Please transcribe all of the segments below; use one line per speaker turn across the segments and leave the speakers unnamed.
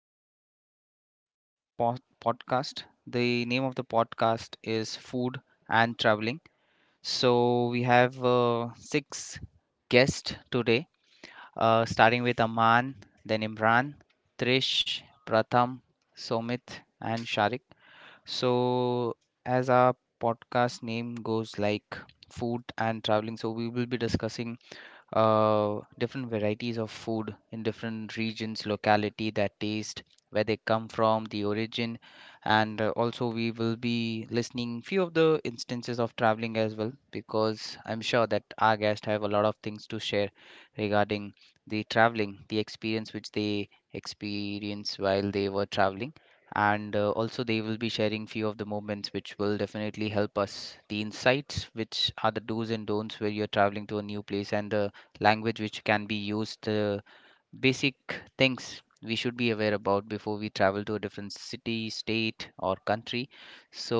everyone. Welcome to our podcast. The name of the podcast is Food and Traveling. So, we have six guests today, starting with Aman, then Imran, Trish, Pratham, Somit, and Sharik. So, as our podcast name goes like food and traveling, so we will be discussing different varieties of food in different regions, locality, that taste, where they come from, the origin, and also we will be listening few of the instances of traveling as well because I'm sure that our guests have a lot of things to share regarding the traveling, the experience which they experience while they were traveling. And also, they will be sharing few of the moments which will definitely help us. The insights, which are the do's and don'ts where you're traveling to a new place, and the language which can be used, basic things we should be aware about before we travel to a different city, state, or country. So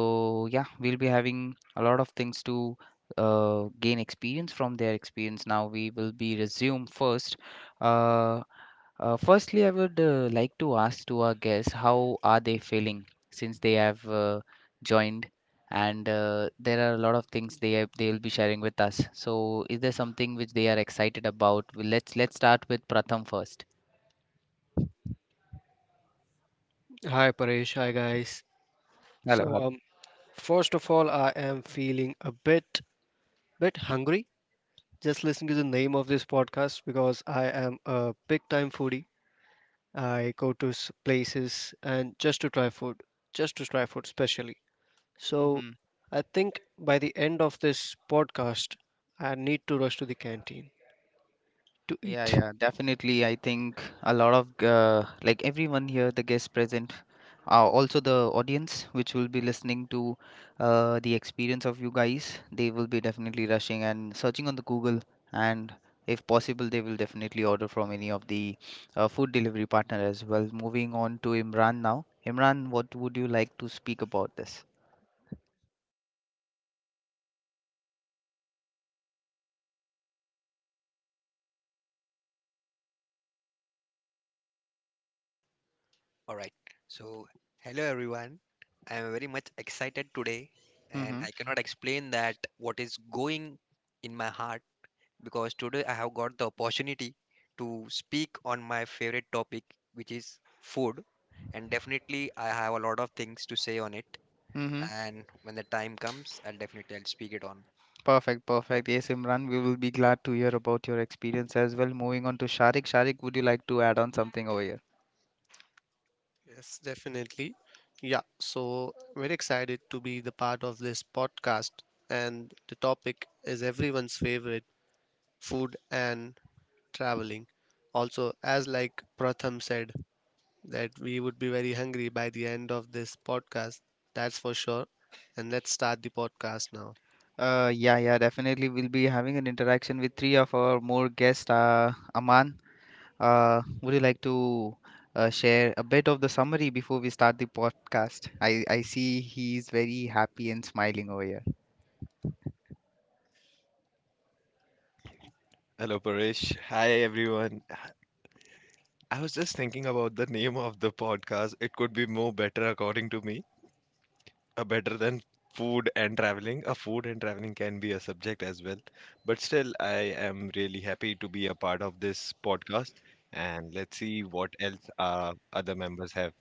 yeah, we'll be having a lot of things to gain experience from their experience. Now we will be resume first. Uh, uh, firstly, I would like to ask to our guests how are they feeling since they have joined, and there are a lot of things they will be sharing with us. So, is there something which they are excited about? Well, let's start with Pratham first.
Hi Paresh, hi guys.
Hello,
So
hello.
um, First of all, I am feeling a bit hungry just listening to the name of this podcast because I am a big time foodie. I go to places and just to try food, just to try food specially. So
Mhm.
I think by the end of this podcast, I need to rush to the canteen to
Yeah,
eat.
yeah, definitely. I think a lot of, like everyone here, the guests present, also the audience which will be listening to the experience of you guys, they will be definitely rushing and searching on the Google, and if possible, they will definitely order from any of the food delivery partner as well. Moving on to Imran now. Imran, what would you like to speak about this?
All right. So, hello everyone. I am very much excited today and
Mm-hmm.
I cannot explain that what is going in my heart because today I have got the opportunity to speak on my favorite topic which is food, and definitely I have a lot of things to say on it, and when the time comes, I'll definitely I'll speak it on.
Perfect, perfect. Yes, Imran, we will be glad to hear about your experience as well. Moving on to Sharik. Sharik, would you like to add on something over here?
Yes, definitely. Yeah, so very excited to be the part of this podcast. And the topic is everyone's favorite food and traveling. Also, as like Pratham said, that we would be very hungry by the end of this podcast. That's for sure. And let's start the podcast now.
Yeah, yeah, definitely. We'll be having an interaction with three of our more guests. Aman, would you like to share a bit of the summary before we start the podcast? I see he's very happy and smiling over here.
Hello, Paresh. Hi, everyone. I was just thinking about the name of the podcast. It could be more better, according to me, better than food and traveling. A food and traveling can be a subject as well. But still, I am really happy to be a part of this podcast. And let's see what else other members have.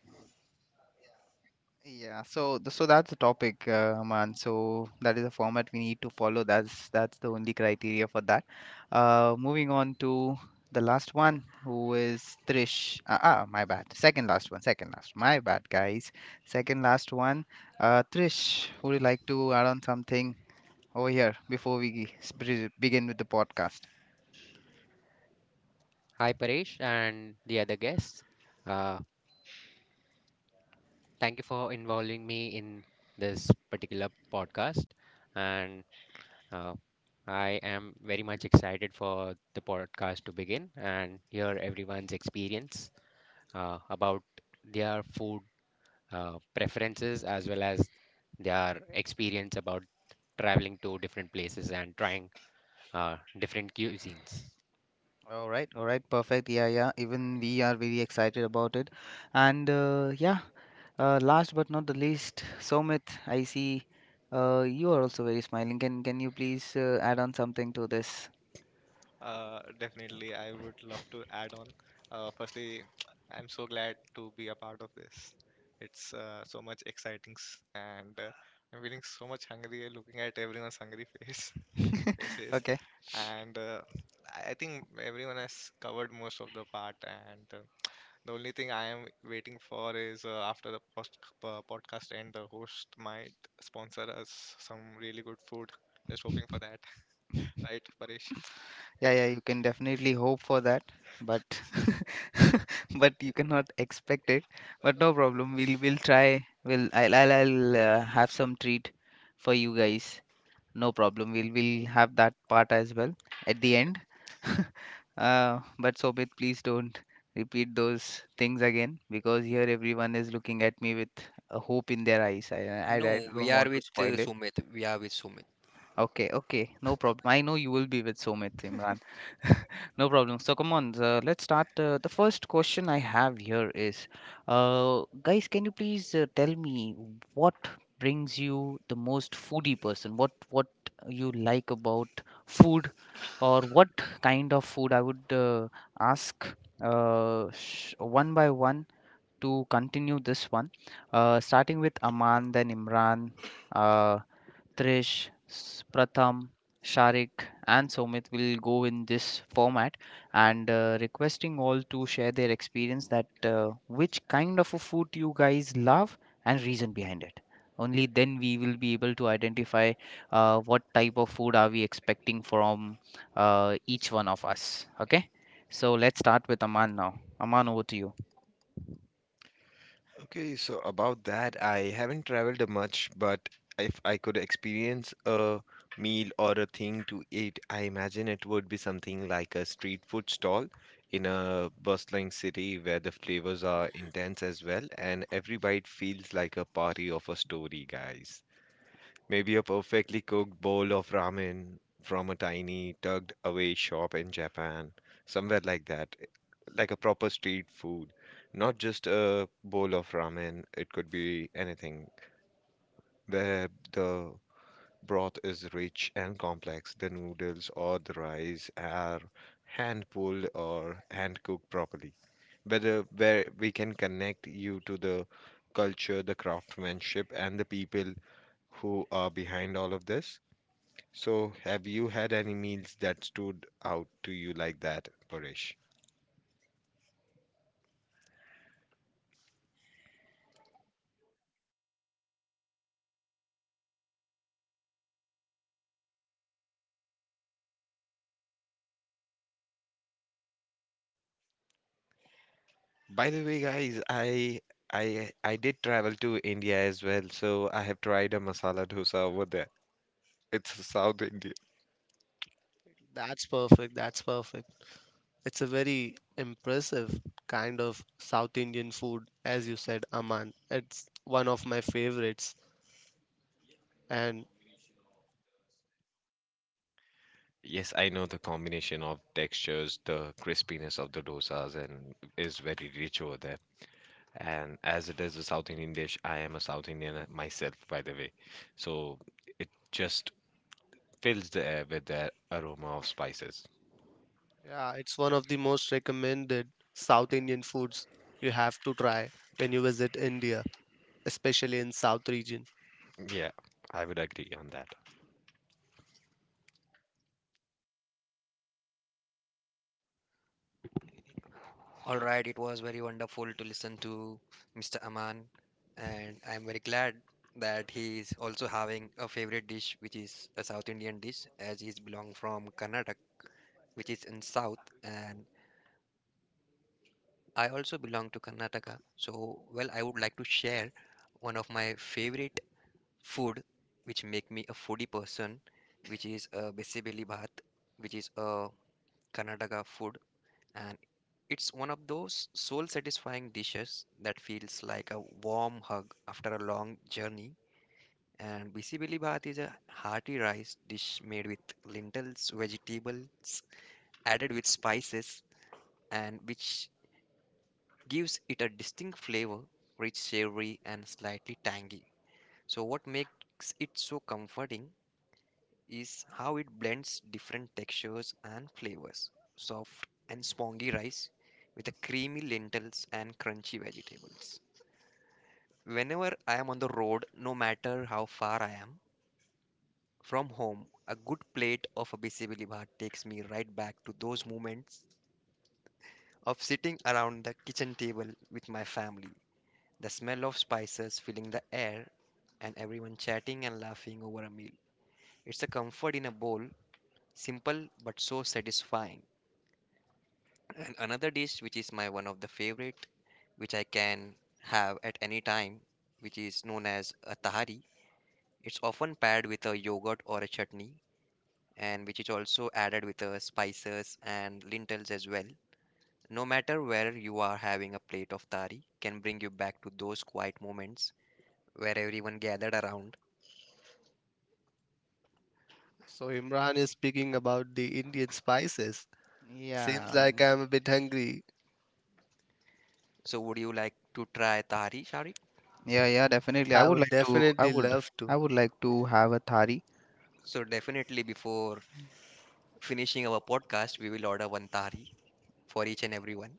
Yeah, so so that's the topic, man. So that is the format we need to follow. That's the only criteria for that. Moving on to the last one, who is Trish. Ah, ah, my bad. Second last one. Second last. My bad, guys. Second last one. Trish, would you like to add on something over here before we begin with the podcast?
Hi, Paresh, and the other guests. Uh, Thank you for involving me in this particular podcast. And uh, I am very much excited for the podcast to begin and hear everyone's experience about their food preferences as well as their experience about traveling to different places and trying different cuisines.
All right, perfect. Yeah, yeah. Even we are very excited about it, and yeah. Last but not the least, Somit, I see you are also very smiling. Can you please add on something to this?
Definitely, I would love to add on. Firstly, I'm so glad to be a part of this. It's so much exciting, s- and I'm feeling so much hungry looking at everyone's hungry face faces.
Okay.
And I think everyone has covered most of the part, and the only thing I am waiting for is after the post podcast end, the host might sponsor us some really good food. Just hoping for that, right, Paresh?
Yeah, yeah, you can definitely hope for that, but but you cannot expect it. But no problem. We'll try. I'll have some treat for you guys. No problem. We'll have that part as well at the
Thank
end. But Sobit, please don't repeat those things again, because here everyone is looking at me with a hope in their eyes. I
No, we
don't
are
want to
with
spoil it.
Sumit. We are with Sumit.
Okay, okay, no problem. I know you will be with Sumit, Imran. No problem. So come on, let's start. The first question I have here is, guys, can you please tell me what brings you the most foodie person? What you like about food, or what kind of food? I would ask sh one by one to continue this one, starting with Aman, then Imran. Uh, Trish, Pratham, Sharik, and Somit will go in this format, and requesting all to share their experience that which kind of a food you guys love and reason behind it. Only then we will be able to identify what type of food are we expecting from each one of us. Okay, so let's start with Aman now. Aman, over to you.
Okay, so about that, I haven't traveled much, but if I could experience a meal or a thing to eat, I imagine it would be something like a street food stall in a bustling city where the flavors are intense as well, and every bite feels like a party of a story, guys. Maybe a perfectly cooked bowl of ramen from a tiny, tucked away shop in Japan, somewhere like that, like a proper street food. Not just a bowl of ramen, it could be anything, where the broth is rich and complex. The noodles or the rice are hand pulled or hand cooked properly. Whether where we can connect you to the culture, the craftsmanship, and the people who are behind all of this. So, have you had any meals that stood out to you like that, Paresh? By the way, guys, I did travel to India as well, so I have tried a masala dosa over there. It's South India.
That's perfect. That's perfect. It's a very impressive kind of South Indian food, as you said, Aman. It's one of my favorites. And
Yes, I know the combination of textures, the crispiness of the dosas, and is very rich over there. And as it is a South Indian dish, I am a South Indian myself, by the way. So it just fills the air with the aroma of spices.
yeah, it's one of the most recommended South Indian foods you have to try when you visit India, especially in South region.
Yeah, I would agree on that.
All right, it was very wonderful to listen to Mr. Aman, and I'm very glad that he is also having a favorite dish, which is a South Indian dish, as he's belong from Karnataka, which is in South, and I also belong to Karnataka. So, well, I would like to share one of my favorite food, which make me a foodie person, which is a basically bhat, which is a Karnataka food. It's one of those soul satisfying dishes that feels like a warm hug after a long journey. And Bisi Bili Bhat is a hearty rice dish made with lentils, vegetables, added with spices, and which gives it a distinct flavor, rich, savory, and slightly tangy. So, what makes it so comforting is how it blends different textures and flavors, soft and spongy rice with the creamy lentils and crunchy vegetables. Whenever I am on the road, no matter how far I am from home, a good plate of a bisibili bhat takes me right back to those moments of sitting around the kitchen table with my family. The smell of spices filling the air and everyone chatting and laughing over a meal. It's a comfort in a bowl, simple but so satisfying. And another dish which is my one of the favorite, which I can have at any time, which is known as a tahari. It's often paired with a yogurt or a chutney, and which is also added with spices and lentils as well. No matter where you are having a plate of thari, can bring you back to those quiet moments where everyone gathered around.
So Imran is speaking about the Indian spices. Seems
Yeah,
like I'm a bit hungry.
So, would you like to try thari, Sharik?
yeah, yeah, definitely. I
I
would
would
like to,
definitely
you.
love
I
to.
would like to have a thari.
So, definitely before finishing our podcast, we will order one thari for each and everyone.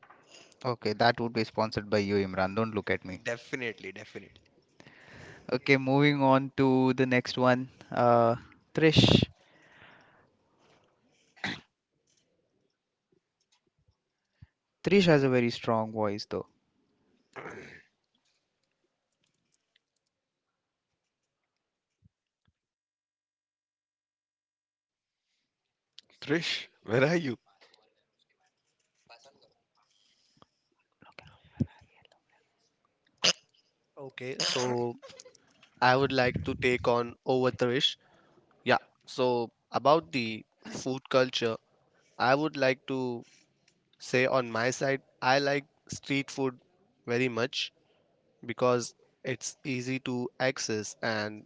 Okay, that would be sponsored by you, Imran. Don't look at me.
Definitely, definitely.
Okay, moving on to the next one. Trish. Trish has a very strong voice, though.
Trish, where are you?
Okay, so I would like to take on over Trish. Yeah, so about the food culture, I would like to say on my side, I like street food very much because it's easy to access and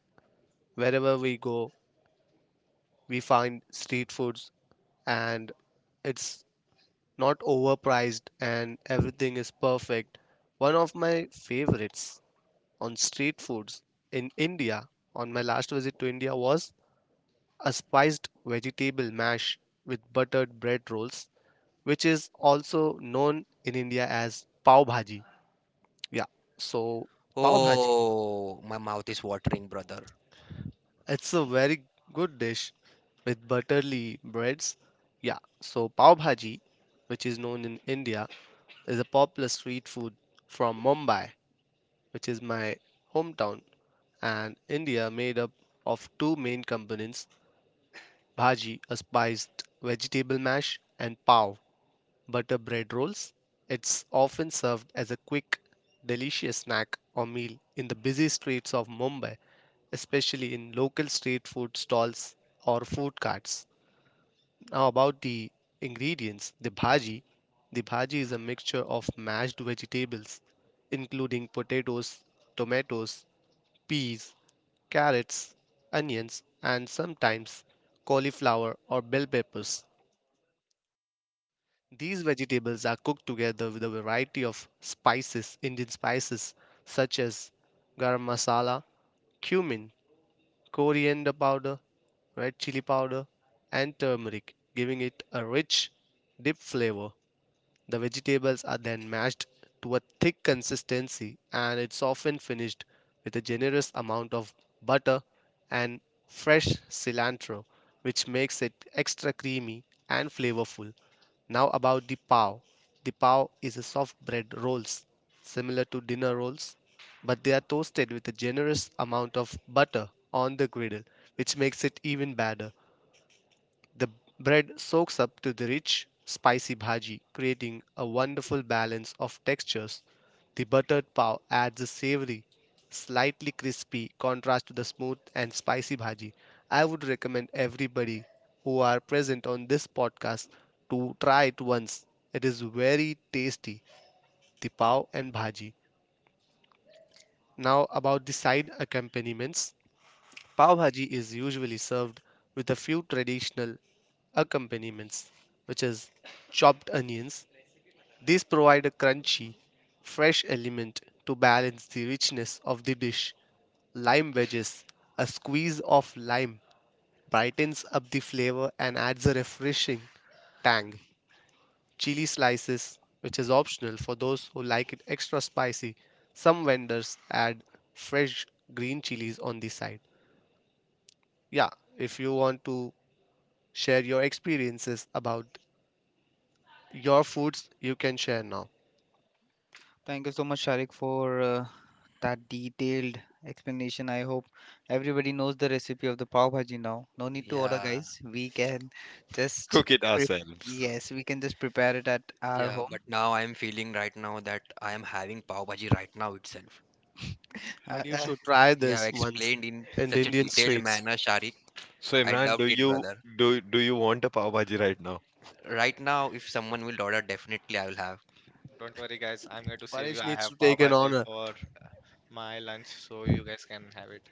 wherever we go we find street foods and it's not overpriced and everything is perfect. One of my favorites on street foods in India, on my last visit to India, was a spiced vegetable mash with buttered bread rolls, which is also known in India as pav bhaji. Yeah, so pav bhaji,
Oh, my mouth is watering, brother.
it's a very good dish with butterly breads. Yeah, so pav bhaji, which is known in India, is a popular street food from Mumbai, which is my hometown, and India, made up of two main components, bhaji, a spiced vegetable mash, and pav, butter bread rolls. It's often served as a quick, delicious snack or meal in the busy streets of Mumbai, especially in local street food stalls or food carts. Now, about the ingredients, the bhaji. The bhaji is a mixture of mashed vegetables, including potatoes, tomatoes, peas, carrots, onions, and sometimes cauliflower or bell peppers. These vegetables are cooked together with a variety of spices, Indian spices such as garam masala, cumin, coriander powder, red chili powder, and turmeric, giving it a rich, deep flavor. The vegetables are then mashed to a thick consistency and it's often finished with a generous amount of butter and fresh cilantro, which makes it extra creamy and flavorful. Now about the pav. The pav is a soft bread rolls similar to dinner rolls, but they are toasted with a generous amount of butter on the griddle, which makes it even better. The bread soaks up to the rich, spicy bhaji, creating a wonderful balance of textures. The buttered pav adds a savory, slightly crispy contrast to the smooth and spicy bhaji. I would recommend everybody who are present on this podcast to try it once. It is very tasty, the pav and bhaji. Now about the side accompaniments. Pav bhaji is usually served with a few traditional accompaniments, which is chopped onions. These provide a crunchy, fresh element to balance the richness of the dish. Lime wedges, a squeeze of lime, brightens up the flavor and adds a refreshing tang. Chili slices, which is optional for those who like it extra spicy. Some vendors add fresh green chilies on the side. Yeah, if you want to share your experiences about your foods you can share now.
Thank you so much, Sharik, for that detailed explanation. I hope everybody knows the recipe of the pav bhaji now. No need to order,
Yeah,
guys. We can just
Cook it
pre-
ourselves.
yes, we can just prepare it at our
yeah,
home.
but now I'm feeling right now that I am having pav bhaji right now itself.
Uh,
But you
uh,
should try
You have
this once
explained in
in the
such a
Indian
detailed
streets.
manner, Sharik.
So
I
Imran,
loved
do
it,
you
brother.
do do you want a pav bhaji right now?
Right now, if someone will order, definitely I will have.
Don't worry, guys. I'm here to save you.
Paresh
I
needs to
have pav
take an
bhaji
honor.
for my lunch, so you guys can have it.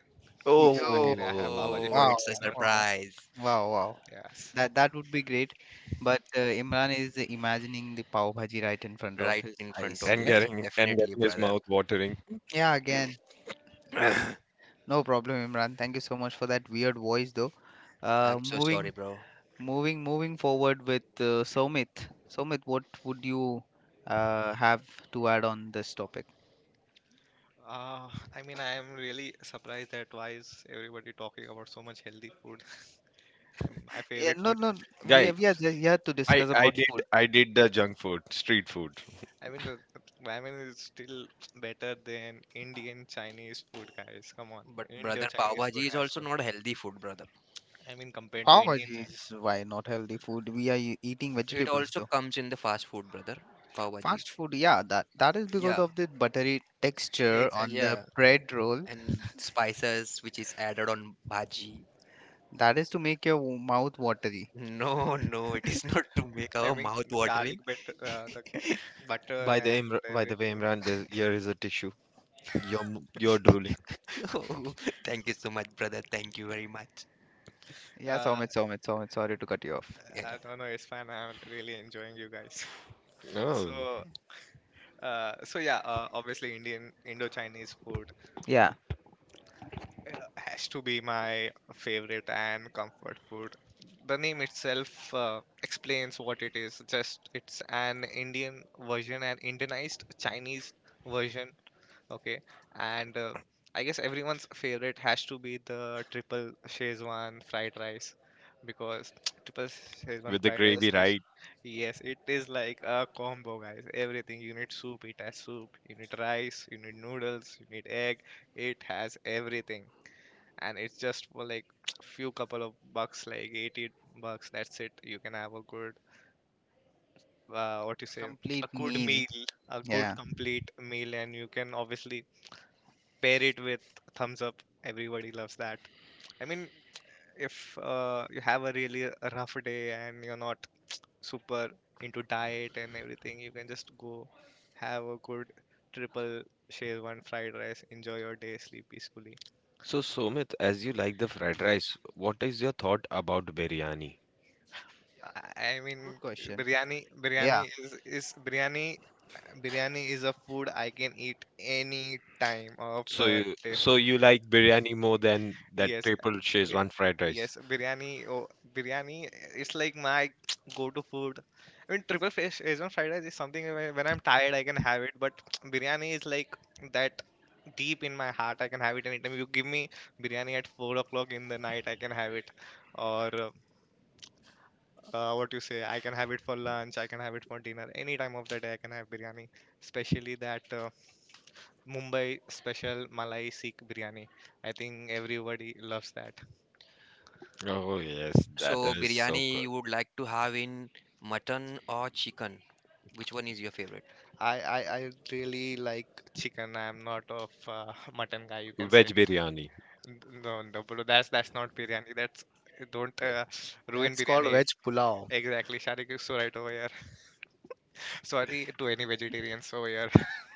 If you're so
oh,
lucky, I have pav
Oh,
bhaji
Oh,
for
wow,
it's a
dinner.
wow,
surprise
wow, wow.
Yes.
That that would be great, but Imran is imagining the pav bhaji right in front of
right
his
in front
eyes.
of
and
Yes?
me.
getting and
Definitely,
getting his
brother.
mouth watering.
Yeah, again. See, no problem, Imran. Thank you so much for that weird voice, though. Uh,
I'm so sorry,
moving,
bro.
Moving forward with Somit. Somit, what would you have to add on this topic?
Uh, I mean, I am really surprised that why is everybody talking about so much healthy food. I mean, my
Yeah,
favorite
no,
food.
no.
Guys,
We are just here to
I
discuss
I
about
did
food.
I did the junk food, street food.
I mean, ramen is still better than Indian Chinese food, guys. Come on,
But
Indo
brother, pav
Chinese food
bhaji is
has
also
to.
not healthy food, brother.
I mean, compared to
Pav
Indian
bhaji is
Chinese.
why not healthy food. We are eating
It
vegetables,
also
though.
comes in the fast food, brother. Pav bhaji.
Fast food, yeah, that is because
Yeah,
of the buttery texture on
Exactly.
the
yeah,
bread roll.
and spices which is added on bhaji.
That is to make your mouth watery.
No, no, it is not to make
I
our
mean,
mouth
the garlic
watering.
butter, the butter
By the
and
Imr- by the way,
everything.
Imran, this, here is a tissue. You're drooling.
No. Thank you so much, brother. Thank you very much.
Yeah,
Uh,
Somit, Somit, Somit, sorry to cut you off.
Yeah.
I
Yeah.
don't know. It's fine. I'm really enjoying you guys.
Oh,
So, so, yeah, obviously Indian Indo-Chinese food
Yeah,
has to be my favorite and comfort food. The name itself explains what it is. Just it's an Indian version, an Indianized Chinese version. Okay, and I guess everyone's favorite has to be the triple Szechuan fried rice because triple
with
Szechuan
the
fried rice
gravy,
is
right?
yes, it is like a combo, guys. Everything you need soup, it has soup. You need rice, you need noodles, you need egg. It has everything, and it's just for like few couple of bucks, like 80 bucks. That's it. You can have a good, uh, what you say, a
complete
good
meal.
meal, a good
Yeah,
complete meal, and you can obviously pair it with thumbs up. Everybody loves that. I mean, if you have a really rough day and you're not super into diet and everything, you can just go have a good triple Szechuan fried rice, enjoy your day, sleep peacefully.
So Sumit, as you like the fried rice, what is your thought about biryani?
I mean,
good question.
biryani
Yeah,
is biryani. Biryani is a food I can eat any time of
So
the
you
day.
so you like biryani more than that
Yes,
triple
birya-
Shezwan fried rice?
yes, biryani. Oh, biryani. It's like my go-to food. I mean, triple fish Asian fried rice is something when I'm tired I can have it, but biryani is like that deep in my heart. I can have it anytime. You give me biryani at 4 o'clock in the night, I can have it. Or I can have it for lunch. I can have it for dinner. Any time of the day, I can have biryani. Especially that Mumbai special Malai Sikh biryani. I think everybody loves that.
Oh yes, that
So,
is so
biryani
good.
you would like to have in mutton or chicken? Which one is your favorite?
I really like chicken. I'm not of mutton guy, you can say.
Veg biryani.
No, no, bro. That's not biryani. That's, don't ruin
That's called
biryani.
veg pulao.
Exactly. Sharik is so right over here. Sorry to any vegetarians over here,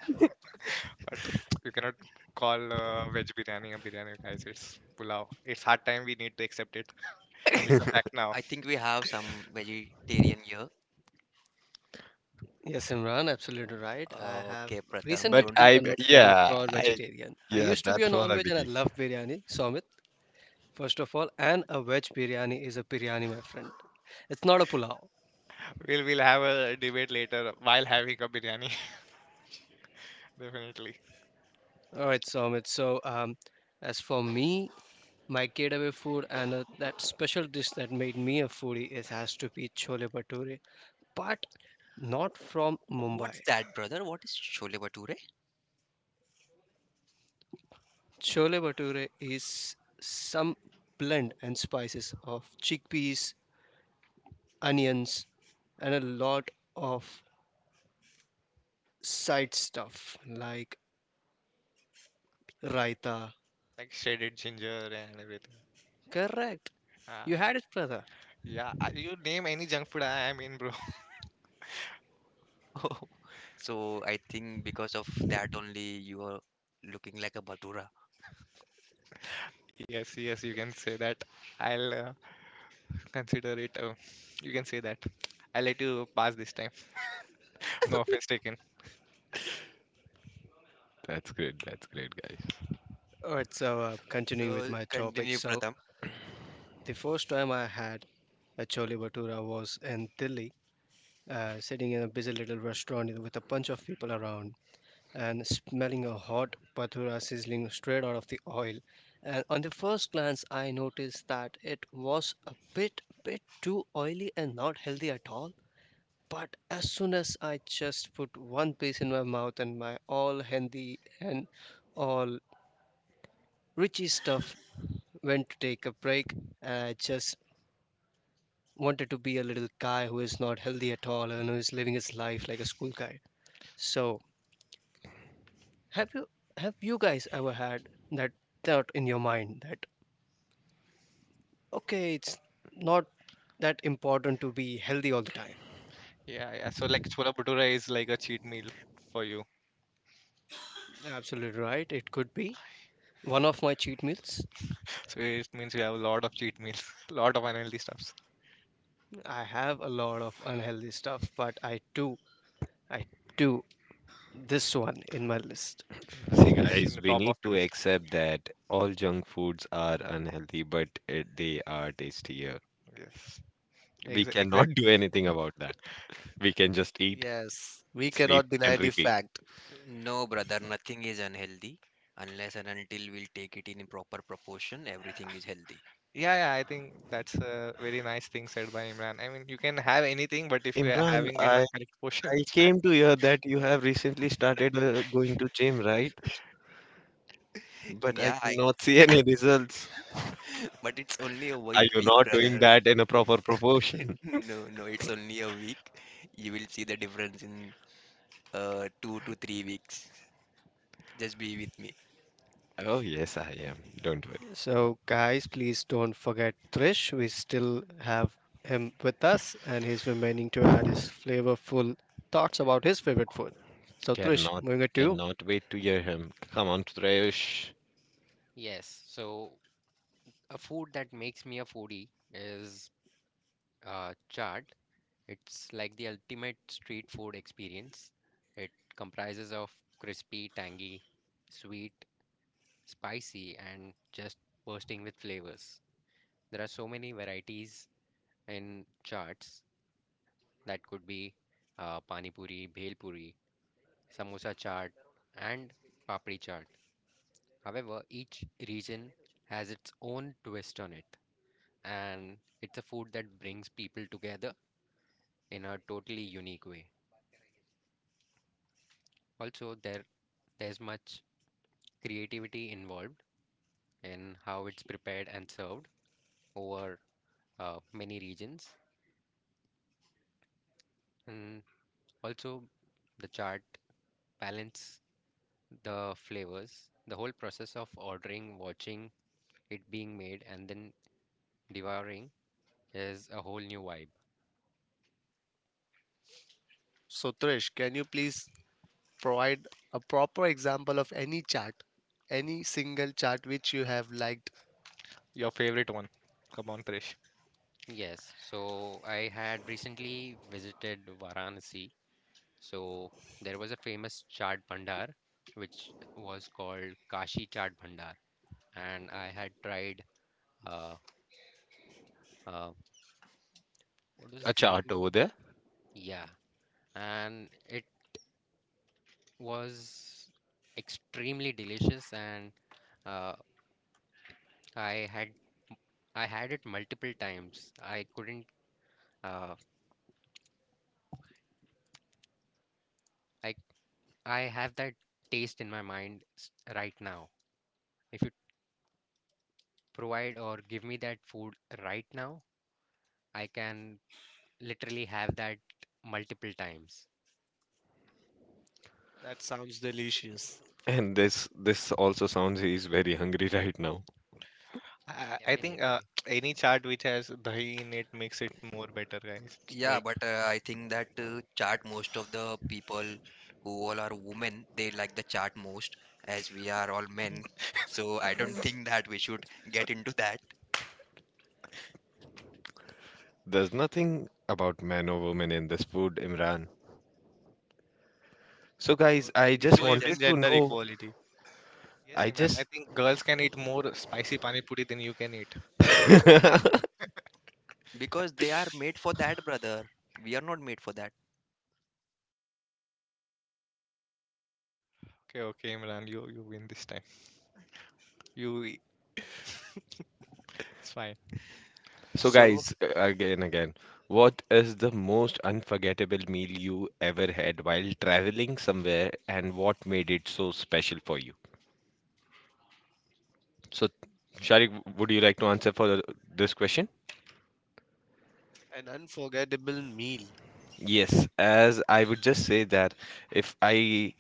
but you cannot call veg biryani a biryani, guys. It's pulao. It's hard time. We need to accept it. It's a fact now.
I think we have some vegetarian here.
Yes, Imran, absolutely right. I have
Okay, Pratham,
recently
But
don't.
been converted into a pure
I
vegetarian. I
yeah,
used to be a
that's what I
non-veg and I
believe.
love biryani, so first of all, and a veg biryani is a biryani, my friend. It's not a pulao.
We'll have a debate later while having a biryani. Definitely.
All right, Somit. So, as for me, my getaway food and that special dish that made me a foodie is has to be chole bhature, but not from Mumbai.
What's that, brother? What is chole bhature?
Chole bhature is some blend and spices of chickpeas, onions, and a lot of side stuff like raita.
Like shredded ginger and everything.
Correct. You
Uh,
had it, brother.
Yeah, you name any junk food, I am in, bro.
Oh, so, I think because of that only you are looking like a bhatura.
Yes, yes, you can say that. I'll consider it. You can say that. I'll let you pass this time. No offense taken.
That's great. That's great, guys.
Alright, so continuing with
So,
my topic.
continue,
So
Pratham.
the first time I had a chole bhatura was in Delhi, sitting in a busy little restaurant with a bunch of people around and smelling a hot bhatura sizzling straight out of the oil. And on the first glance, I noticed that it was a bit too oily and not healthy at all. But as soon as I just put one piece in my mouth and my all healthy and all richy stuff when to take a break. I just wanted to be a little guy who is not healthy at all and who is living his life like a school guy. So, have you have you guys ever had that thought in your mind that okay, it's not that important to be healthy all the time?
Yeah, yeah. So like chola bhatura is like a cheat meal for you.
Absolutely right. It could be one of my cheat meals.
So it means you have a lot of cheat meals, lot of unhealthy stuffs.
I have a lot of unhealthy stuff, but I do this one in my list.
See,
That's It's in
guys,
the
we
top of
need
the
to
list.
accept that all junk foods are unhealthy, but they are tastier.
Yes.
We cannot
Exactly.
do anything about that. We can just eat,
Yes, we
sleep,
cannot
and
deny the
repeat.
fact.
No, brother, nothing is unhealthy unless and until we'll take it in proper proportion, everything is healthy.
Yeah, yeah. I think that's a very nice thing said by Imran. I mean, you can have anything, but if you are
Imran,
having it in a correct portion,
I
it's fine.
came to hear that you have recently started going to gym, right? But I
Yeah, I,
cannot see any results.
but it's only a week,
Are you
week,
not doing
brother.
that in a proper proportion?
No, no, it's only a week. You will see the difference in 2 to 3 weeks. Just be with me.
Oh, yes, I am. Don't worry.
So, guys, please don't forget Trish. We still have him with us, and he's remaining to add his flavorful thoughts about his favorite food. So, Trish,
Cannot,
moving it to you.
cannot wait to hear him. Come on, Trayosh.
Yes, so a food that makes me a foodie is chaat. It's like the ultimate street food experience. It comprises of crispy, tangy, sweet, spicy, and just bursting with flavors. There are so many varieties in charts that could be pani puri, bhel puri, samosa chaat, and papri chaat. However, each region has its own twist on it, and it's a food that brings people together in a totally unique way. Also, there's much creativity involved in how it's prepared and served over many regions, and also the chart balance the flavors, the whole process of ordering, watching it being made, and then devouring is a whole new vibe.
So, Trish, can you please provide a proper example of any chart, any single chart which you have liked?
Your favorite one. Come on, Krish.
Yes, so I had recently visited Varanasi. So there was a famous chaat bhandar which was called Kashi Chaat Bhandar, and I had tried uh, uh, what was
A
his
chart
name?
over there.
Yeah, and it was extremely delicious, and uh, I had I had it multiple times. I couldn't. Uh, I I have that taste in my mind right now. If you provide or give me that food right now, I can literally have that multiple times.
That sounds delicious.
And this also sounds he's very hungry right now.
Yeah,
I think
definitely.
any chart which has dahi in it makes it more better, guys.
Yeah,
Like,
but I think that chart most of the people who all are women, they like the chart most, as we are all men. So I don't think that we should get into that.
There's nothing about man or woman in this food, Imran. So,
So
guys, I
We
it
just
was
believe
wanted
in
just.
to
gender
know.
equality.
yes,
I
Imran. I
just,
think girls can eat more spicy pani puri than you can eat.
Because they are made for that, brother. We are not made for that.
Okay, okay, Imran. You win this time. You. It's fine.
So,
So,
guys, again, what is the most unforgettable meal you ever had while traveling somewhere, and what made it so special for you? So, Sharik, would you like to answer for this question?
An unforgettable meal.
Yes, as I would just say that if I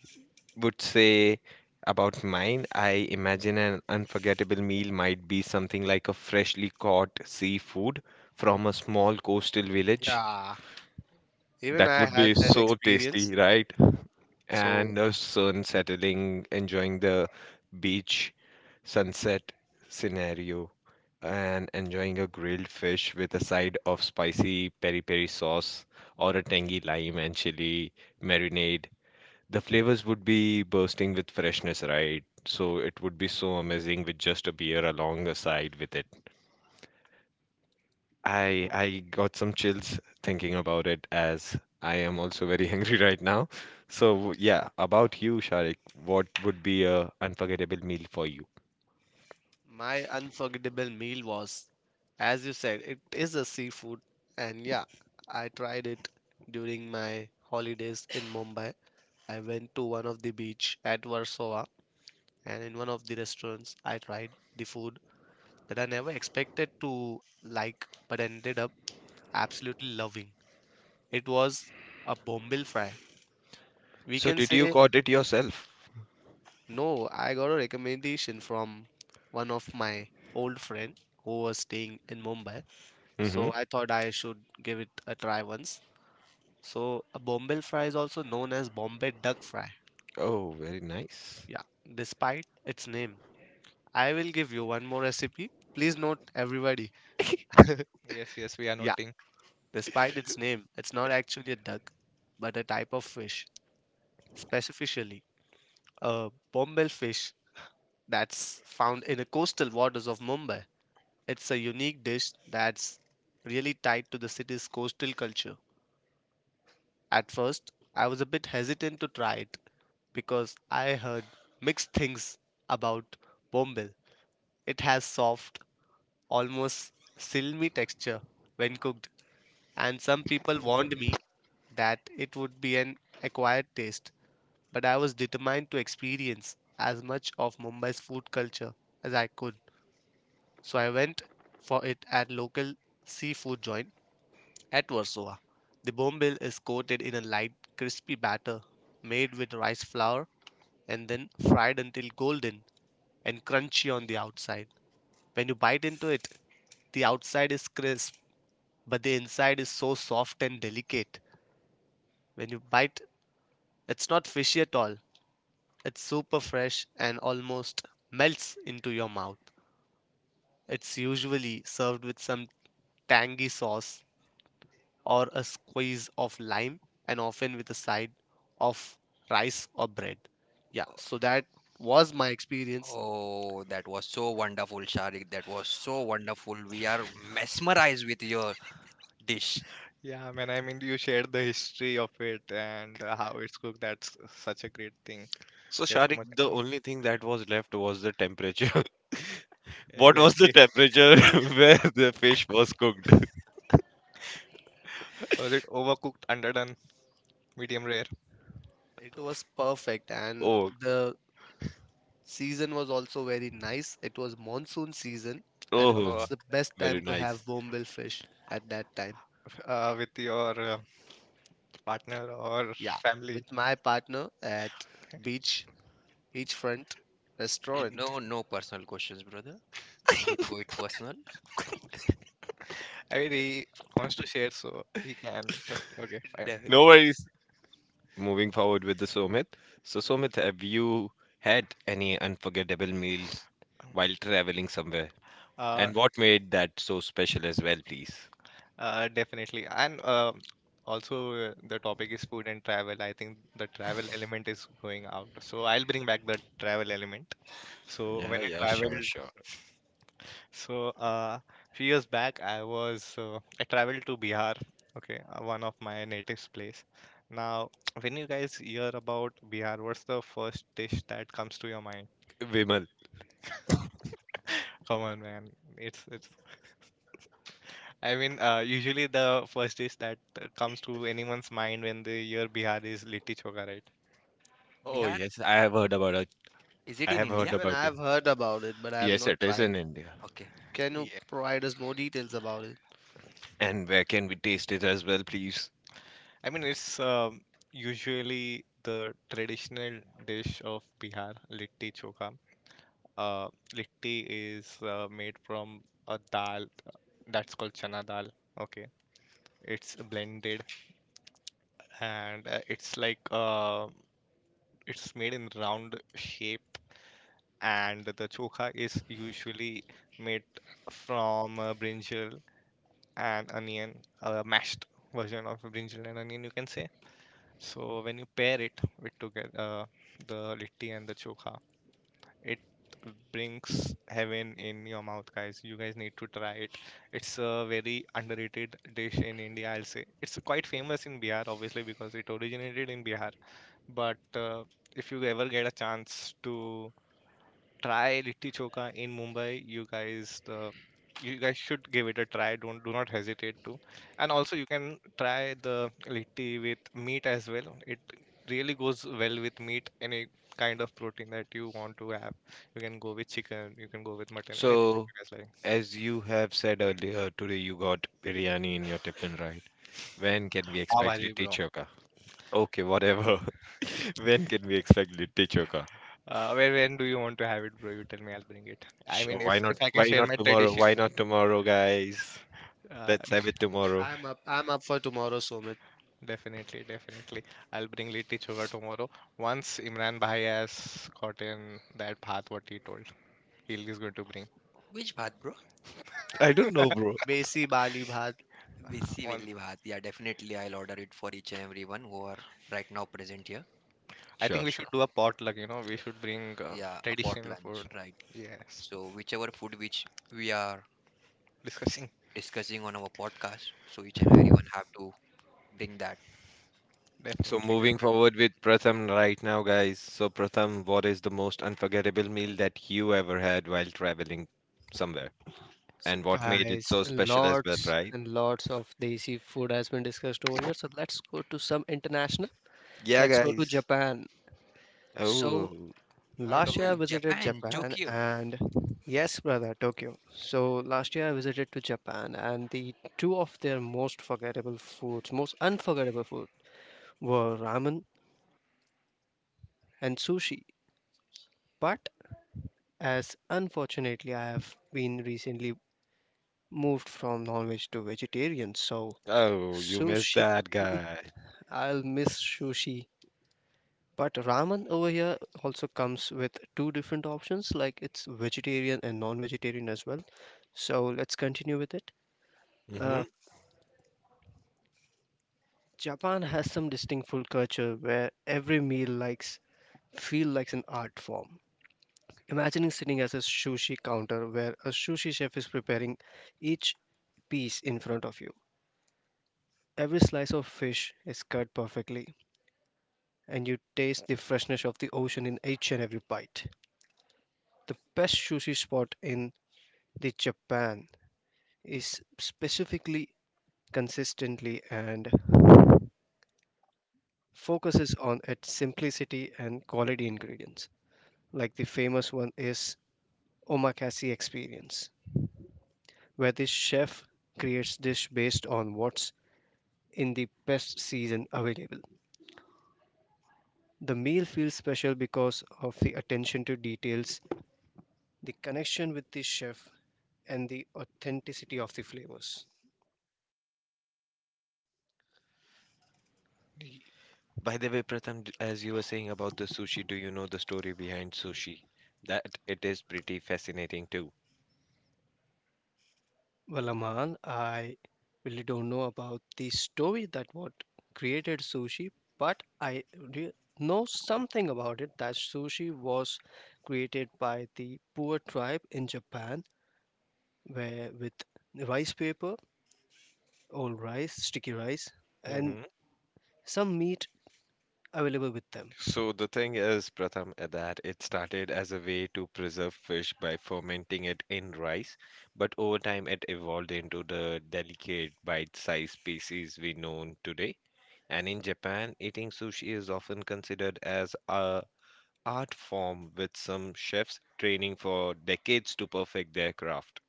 would say about mine, I imagine an unforgettable meal might be something like a freshly caught seafood from a small coastal village.
Yeah. Even
That
I
would
had
be
that
so tasty,
experience.
right?
So
And the sun settling, enjoying the beach sunset scenario, and enjoying a grilled fish with a side of spicy peri peri sauce or a tangy lime and chili marinade. The flavors would be bursting with freshness, right? So it would be so amazing with just a beer along the side with it. I got some chills thinking about it as I am also very hungry right now. So yeah, about you, Sharik, what would be a unforgettable meal for you?
my unforgettable meal was, as you said, it is a seafood, and yeah, I tried it during my holidays in Mumbai. I went to one of the beach at Warsaw, and in one of the restaurants, I tried the food that I never expected to like, but ended up absolutely loving. It was a bombil fry, we
So
can
did you
say.
got it yourself?
No, I got a recommendation from one of my old friend who was staying in Mumbai.
Mm-hmm.
So I thought I should give it a try once. So a Bombay fry is also known as Bombay duck fry.
Oh, very nice.
Yeah, despite its name. I will give you one more recipe. Please note everybody.
Yes, yes, we are
Yeah,
noting.
despite its name, it's not actually a duck, but a type of fish. Specifically, a Bombay fish that's found in the coastal waters of Mumbai. It's a unique dish that's really tied to the city's coastal culture. At first, I was a bit hesitant to try it because I heard mixed things about bombil. It has soft, almost silmy texture when cooked, and some people warned me that it would be an acquired taste, but I was determined to experience as much of Mumbai's food culture as I could. So I went for it at local seafood joint at Warsaw. The bombil is coated in a light, crispy batter made with rice flour and then fried until golden and crunchy on the outside. When you bite into it, the outside is crisp, but the inside is so soft and delicate. When you bite, it's not fishy at all. It's super fresh and almost melts into your mouth. It's usually served with some tangy sauce or a squeeze of lime, and often with a side of rice or bread. Yeah, so that was my experience.
oh, that was so wonderful, Sharik. That was so wonderful. We are mesmerized with your dish.
Yeah, man. I mean, you shared the history of it and how it's cooked. That's such a great thing.
So
Yes, so
Sharik,
much.
the only thing that was left was the temperature. What was the
Exactly.
temperature where the fish was cooked?
Was it overcooked, underdone, medium rare?
It was perfect, and
Oh,
the season was also very nice. It was monsoon season, and it
oh,
was
Uh,
the best
very
time to
nice.
have bombil fish at that time.
with your partner or
Yeah,
family.
with my partner at
Okay.
beach beachfront
No,
restaurant.
no personal questions, brother. Don't go it personal.
I mean, he wants to share, so he can. But okay, fine.
The-
No worries. Moving forward with the Somit. So, Somit, have you had any unforgettable meal while traveling somewhere?
Uh,
And what made that so special as well, please?
Definitely. And Also, the topic is food and travel. I think the travel element is going out. So I'll bring back the travel element. So
Yeah,
when I
yeah, sure,
traveled,
sure.
so uh, few years back, I traveled to Bihar. Okay, one of my native's place. Now, when you guys hear about Bihar, what's the first dish that comes to your mind?
Vimal.
Come on, man. It's it's. I mean, usually the first dish that comes to anyone's mind when they hear Bihar is litti choka, right?
Oh
Bihar,
yes, I have heard about it.
is it
I
in
have
India?
heard
Even
about it.
I've heard about it, but I have
Yes, it
not
is
tried.
in India.
Okay.
Can you
Yeah.
provide us more details about it?
And where can we taste it as well, please?
I mean, it's usually the traditional dish of Bihar, litti choka. Uh, Litti is made from a dal that's called chana dal. Okay, it's blended and it's made in round shape and the chokha is usually made from brinjal and onion, a mashed version of brinjal and onion, you can say. So when you pair it with together, the litti and the chokha, it brings heaven in your mouth, guys. You guys need to try it. It's a very underrated dish in India, I'll say. It's quite famous in Bihar, obviously, because it originated in Bihar. But If you ever get a chance to try Litti choka in Mumbai. You guys should give it a try. Don't Do not hesitate to. And also, you can try the Litti with meat as well. It really goes well with meat. Any kind of protein that you want to have, you can go with chicken. You can go with mutton. Anything that
So,
you guys like.
as you have said earlier, today you got biryani in your tiffin, right? When can we
Pav
expect
Bhaji,
litti
bro.
choka? Okay, whatever. When can we expect litti choka?
Where When do you want to have it, bro? You tell me. I'll bring it. I mean,
Sure,
if
why not?
if I can
Why
share
not
my
tomorrow?
tradition,
Why not tomorrow, guys?
uh,
Let's have it tomorrow.
I'm up. I'm up for tomorrow, Sumit.
Definitely, definitely. I'll bring Litti Choga tomorrow. Once Imran Bhai has gotten that path, what he told, he is going to bring.
Which bhat, bro?
I don't know, bro.
Besi Bali Bhat.
uh
Visi
On,
Velli bhat. Yeah, definitely I'll order it for each and everyone who are right now present here.
I
Sure,
think we
sure.
should do a potluck, you know, we should bring
Yeah, a pot
traditional
lunch,
food.
right?
Yes,
So whichever food which we are
discussing.
discussing on our podcast. So each and everyone have to bring that.
Definitely,
So moving
definitely.
forward with Pratham right now, guys. So Pratham, what is the most unforgettable meal that you ever had while traveling somewhere,
So,
and what made it
guys,
so special as well,
lots
right?
and lots of desi food has been discussed over here. So, let's go to some international.
Yeah,
Let's go to
guys.
Japan. So,
Oh,
Naruto
last year
Oh,
I
fan.
visited
Japan,
Japan,
Tokyo.
and yes, brother, Tokyo. So, last year I visited to Japan, and the two of their most forgettable foods, most unforgettable foods were ramen and sushi. But as unfortunately I have been recently moved from non-veg to vegetarian, so
oh, you missed
sushi
that guy.
I'll miss sushi. But ramen over here also comes with two different options, like it's vegetarian and non-vegetarian as well. So let's continue with it.
Mm-hmm.
Uh, Japan has some distinct food culture where every meal likes feel like an art form. Imagining sitting as a sushi counter where a sushi chef is preparing each piece in front of you. Every slice of fish is cut perfectly, and you taste the freshness of the ocean in each and every bite. The best sushi spot in the Japan is specifically consistently and focuses on its simplicity and quality ingredients. Like the famous one is Omakase Experience, where the chef creates dish based on what's in the best season available. The meal feels special because of the attention to details, the connection with the chef, and the authenticity of the flavors.
Y-
By the way, Pratham, as you were saying about the sushi, do you know the story behind sushi? That it is pretty fascinating too.
Well, Amal, I really don't know about the story that what created sushi, but I re- know something about it that sushi was created by the poor tribe in Japan, where with rice paper, old rice, sticky rice, and
Hmm.
some meat available with them.
So the thing is, Pratham, that it started as a way to preserve fish by fermenting it in rice, but over time it evolved into the delicate bite-sized species we know today. And in Japan, eating sushi is often considered as a art form with some chefs training for decades to perfect their craft.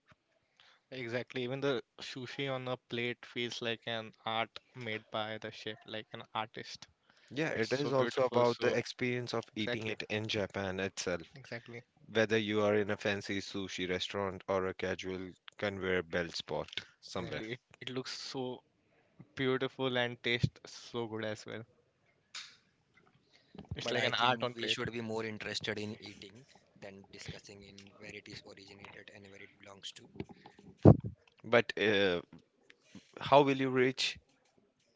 Exactly. Even the sushi on a plate feels like an art made by the chef, like an artist.
Yeah,
It's
it
so
is also
beautiful.
about
So,
the experience of eating
exactly,
it in Japan itself.
exactly,
Whether you are in a fancy sushi restaurant or a casual conveyor belt spot somewhere.
exactly. It looks so beautiful and taste so good as well. It's
But
like
I
an art
think
on
we
plate.
should be more interested in eating than discussing in where it is originated and where it belongs to.
But how will you reach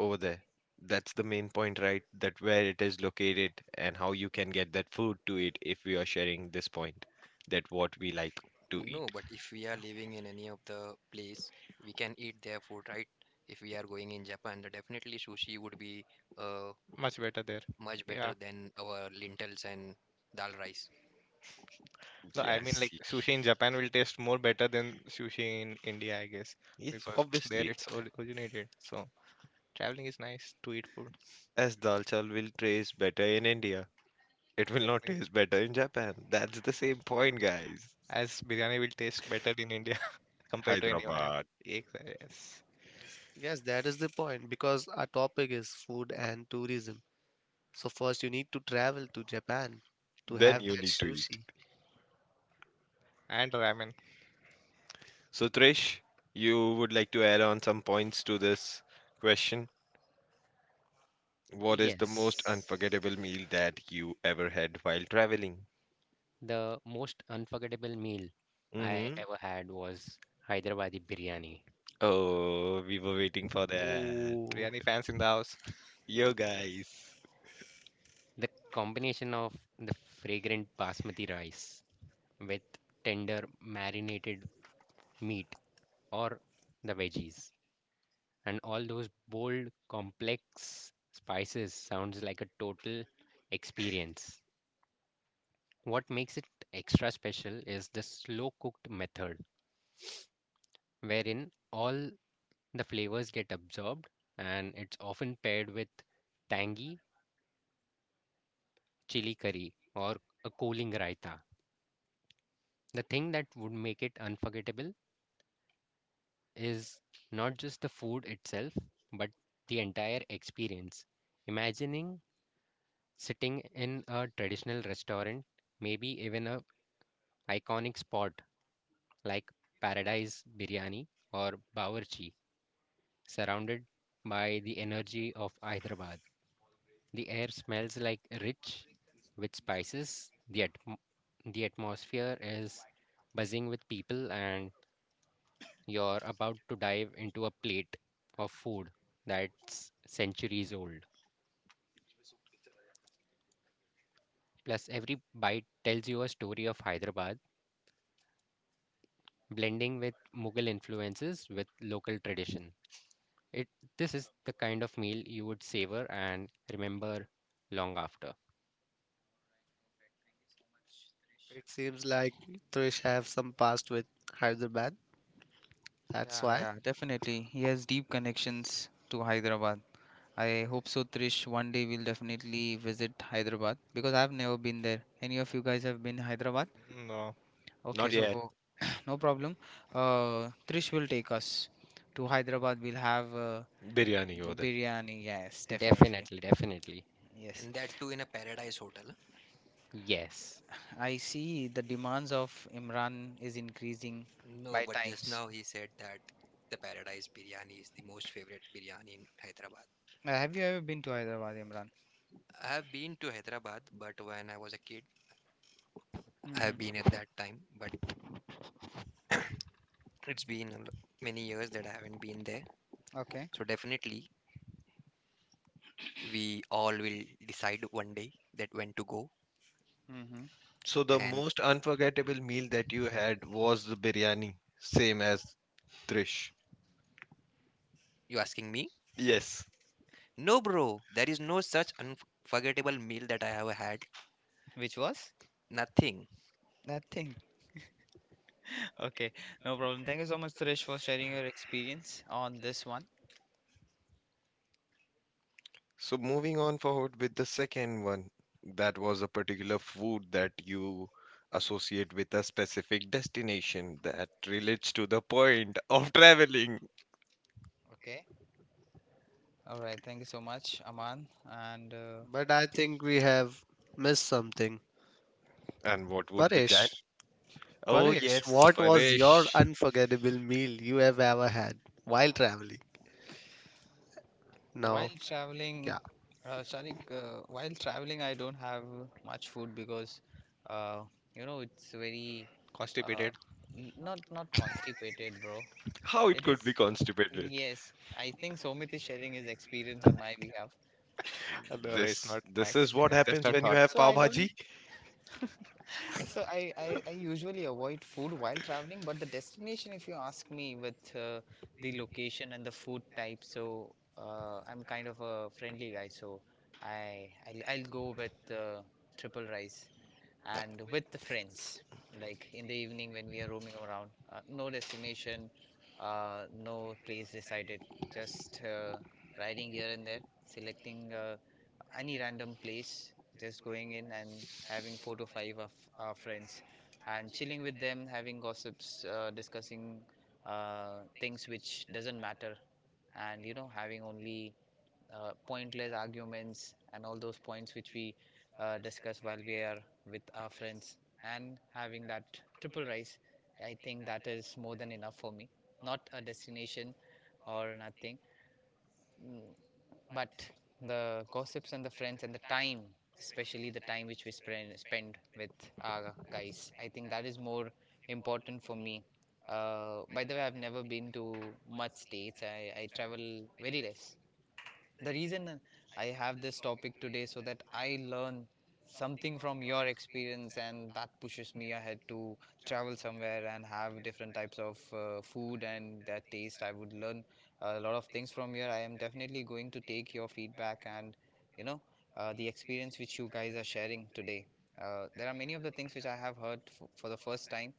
over there? That's the main point, right? That where it is located and how you can get that food to eat if we are sharing this point that what we like to
No,
eat.
but if we are living in any of the place, we can eat their food, right? If we are going in Japan, then definitely sushi would be uh,
Much better there.
much better
Yeah.
than our lentils and dal rice.
No, I mean like
Yes.
sushi in Japan will taste more better than sushi in India, I guess,
Yes,
because there
obviously.
it's originated. So traveling is nice to eat food.
As dal chawal will taste better in India, it will not
Exactly.
taste better in Japan. That's the same point, guys.
As biryani will taste better in India compared to anywhere.
Hyderabad.
Exactly. Yes.
Yes, yes, that is the point because our topic is food and tourism. So first you need to travel to Japan to
Then
have
you
that
need to eat.
sushi.
And ramen.
So, Trish, you would like to add on some points to this question. What is the most
Yes.
unforgettable meal that you ever had while traveling?
The most unforgettable meal I
Mm-hmm.
ever had was Hyderabadi biryani.
Oh, we were waiting for that.
Oh,
Biryani fans in the house.
Yo,
Yes.
guys.
The combination of the fragrant basmati rice with tender marinated meat or the veggies and all those bold, complex spices sounds like a total experience. What makes it extra special is the slow cooked method, wherein all the flavors get absorbed, and it's often paired with tangy chili curry or a cooling raita. The thing that would make it unforgettable is not just the food itself, but the entire experience. Imagining sitting in a traditional restaurant, maybe even a iconic spot like Paradise Biryani or Bawarchi, surrounded by the energy of Hyderabad. The air smells like rich with spices. The atmosphere is buzzing with people, and you're about to dive into a plate of food that's centuries old. Plus, every bite tells you a story of Hyderabad, blending with Mughal influences with local tradition. It, this is the kind of meal you would savor and remember long after.
it seems like Trish have some past with Hyderabad. That's
yeah,
why.
yeah, definitely. He has deep connections to Hyderabad. I hope so, Trish. One day we'll definitely visit Hyderabad because I've never been there. Any of you guys have been Hyderabad?
No,
Okay,
Not
so
yet.
no problem. Trish will take us to Hyderabad. We'll have.
Biryani over
The
there.
biryani, yes, definitely.
Definitely, definitely.
Yes.
And that too in a paradise hotel.
Yes.
I see the demands of Imran is increasing
No,
by
but just
times.
now he said that the Paradise Biryani is the most favorite biryani in Hyderabad.
Have you ever been to Hyderabad, Imran?
I have been to Hyderabad, but when I was a kid, I have
Mm-hmm.
been at that time. But it's been many years that I haven't been there.
Okay.
So definitely, we all will decide one day that when to go.
Mm-hmm.
So, the
And
most unforgettable meal that you had was the biryani, same as Trish.
you asking me?
Yes.
No, bro. There is no such unforgettable meal that I have had.
Which was?
Nothing.
Nothing. Okay. No problem. Thank you so much, Suresh, for sharing your experience on this one.
So moving on forward with the second one, that was a particular food that you associate with a specific destination that relates to the point of traveling.
Okay. All right. Thank you so much, Aman. And
But I think we have missed something.
And what would be that?
Paresh,
Oh
Paresh,
yes,
what was your
Paresh.
unforgettable meal you have ever had while traveling? Now,
while traveling,
yeah,
Sharik, while traveling, I don't have much food because, uh, you know, it's very, uh,
constipated.
not not constipated, bro.
How it
It
could
is.
be constipated.
Yes, I think Somit is sharing his experience on my behalf.
No, it's
This
not my
this is what
experience. Just
happens
a
when you
thought.
have
So
pav
I don't.
bhaji.
I usually avoid food while traveling, but the destination, if you ask me, with the location and the food type, so I'm kind of a friendly guy, so I'll go with triple rice and with the friends, like in the evening when we are roaming around. No destination, no place decided, just riding here and there, selecting any random place, just going in and having four to five of our friends and chilling with them, having gossips, discussing things which doesn't matter, and you know having only pointless arguments and all those points which we discuss while we are with our friends and having that triple rice. I think that is more than enough for me. Not a destination or nothing. Mm, but the gossips and the friends and the time, especially the time which we spend with our guys, I think that is more important for me. By the way, I've never been to much states. I travel very less. The reason I have this topic today, so that I learn something from your experience and that pushes me ahead to travel somewhere and have different types of food and their taste. I would learn a lot of things from here. I am definitely going to take your feedback, and you know, the experience which you guys are sharing today, there are many of the things which I have heard for the first time,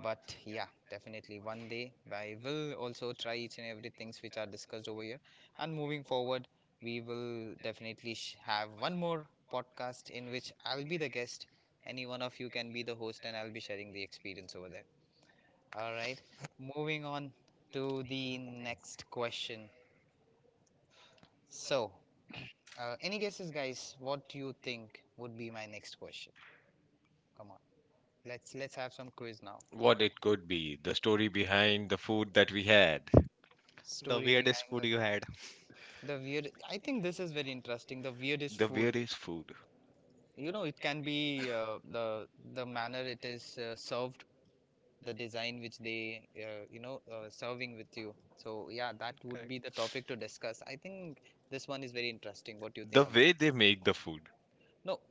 but yeah, definitely one day I will also try each and every things which are discussed over here. And moving forward, we will definitely have one more podcast in which I'll be the guest. Any one of you can be the host, and I'll be sharing the experience over there. All right, moving on to the next question. So any guesses guys, what do you think would be my next question? Come on, let's have some quiz now.
What it could be, the story behind the food that we had.
The
Story
weirdest
behind
food
the
you had.
The weird. I think this is very interesting. The weirdest
The
food.
weirdest food.
You know, it can be the manner it is served, the design which they, you know, serving with you. So yeah, that would
Correct.
be the topic to discuss. I think this one is very interesting. What do you
The
think about?
way they make the food.
No,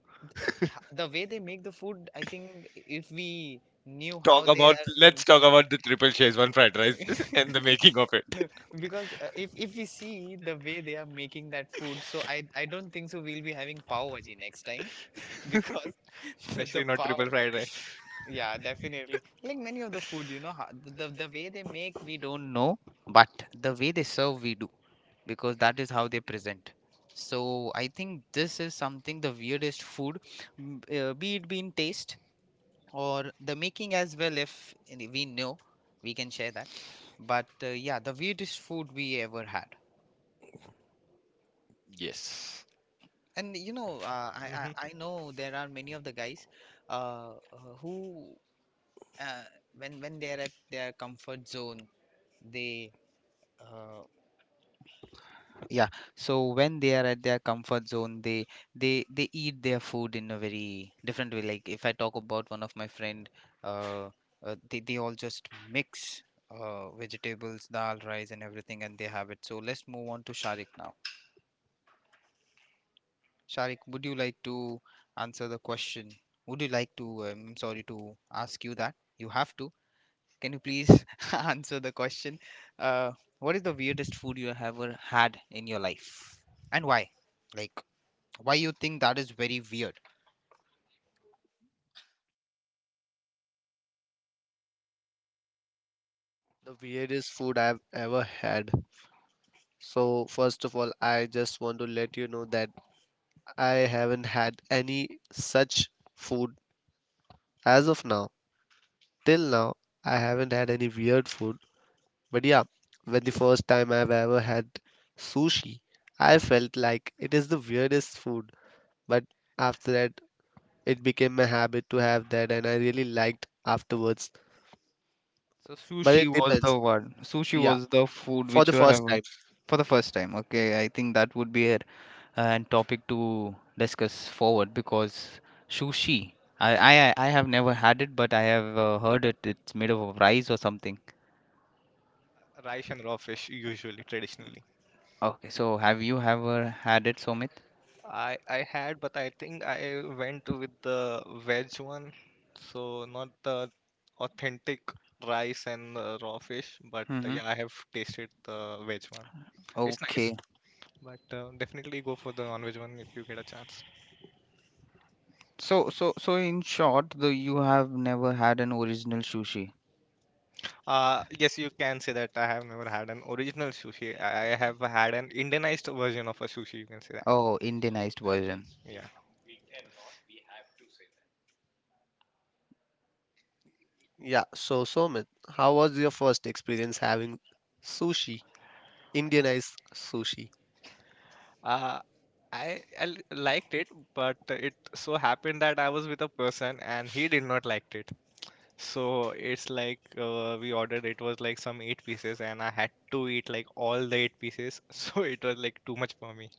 the way they make the food. I think if we knew how
Talk
they
about
are.
the triple one fried rice and the making of it.
No, because if we see the way they are making that food, so I don't think so we'll be having pav bhaji next time. Because the
Especially not triple
power,
fried rice.
yeah, definitely like many of the food the way they make we don't know, but the way they serve we do, because that is how they present. So I think this is something, the weirdest food, be it be in taste or the making as well. If we know, we can share that. But yeah, the weirdest food we ever had.
Yes.
And I, I
Hmm.
i know there are many of the guys who uh, when they are at their comfort zone, they uh, yeah, so when they are at their comfort zone, they they eat their food in a very different way. Like if I talk about one of my friend, uh, they all just mix uh, vegetables, dal, rice, and everything, and they have it. So let's move on to Sharik now. Sharik, would you like to answer the question? Would you like to, sorry to ask you that you have to, can you please answer the question? Uh, what is the weirdest food you have ever had in your life, and why? Like, why you think that is very weird?
the weirdest food I've ever had. So, first of all, I just want to let you know that I haven't had any such food as of now. Till now, I haven't had any weird food. But yeah, when the first time I've ever had sushi, I felt like it is the weirdest food. But after that, it became my habit to have that, and I really liked afterwards.
So
But
sushi
it
was
depends.
the one. Sushi
Yeah,
was the food
for
which
the
you
first
have
time.
for the first time. Okay, I think that would be a and topic to discuss forward because sushi. I have never had it, but I have heard it. It's made of rice or something.
Rice and raw fish usually traditionally.
Okay, so have you ever had it, Somit?
I had, but I think I went with the veg one, so not the authentic rice and raw fish. But
Mm-hmm.
Yeah, I have tasted the veg one. It's nice,
Okay,
but definitely go for the non-veg one if you get a chance.
so, so in short, the you have never had an original sushi
Yes, you can say that I have never had an original sushi. I have had an Indianized version of a sushi. You can say that.
or Indianized version.
Yeah.
Yeah, so Somit, how was your first experience having sushi? Indianized sushi.
Uh, I liked it, but it so happened that I was with a person and he did not liked it. So it's like we ordered it was like some eight pieces and I had to eat like all the eight pieces. So it was like too much for me.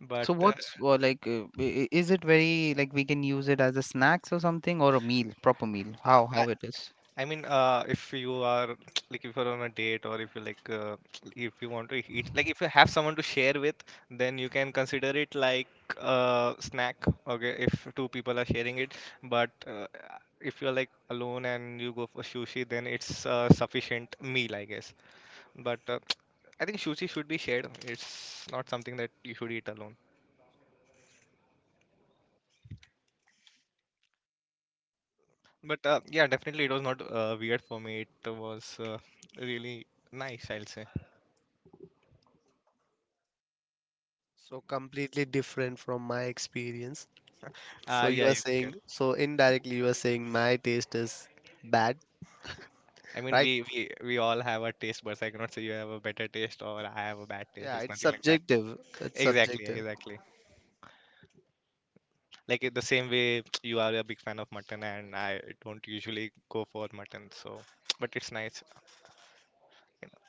But
So what's or like, is it very like we can use it as a snacks or something or a meal, proper meal?
I,
How it is?
I mean, if you are like if you're on a date or if you like if you want to eat like if you have someone to share with, then you can consider it like a snack. Okay, if two people are sharing it, but if you're like alone and you go for sushi, then it's a sufficient meal, I guess. But I think sushi should be shared. It's not something that you should eat alone. But Yeah, definitely it was not weird for me. It was really nice, I'll say.
So completely different from my experience. So you
Yeah,
are
you can.
saying, so indirectly you are saying my taste is bad,
I mean,
right?
we all have our taste buds. I cannot say you have a better taste or I have a bad taste.
Yeah,
It's
it's
nothing like that.
subjective. It's
Exactly,
subjective.
exactly. Like the same way you are a big fan of mutton, and I don't usually go for mutton. So, but it's nice. You know.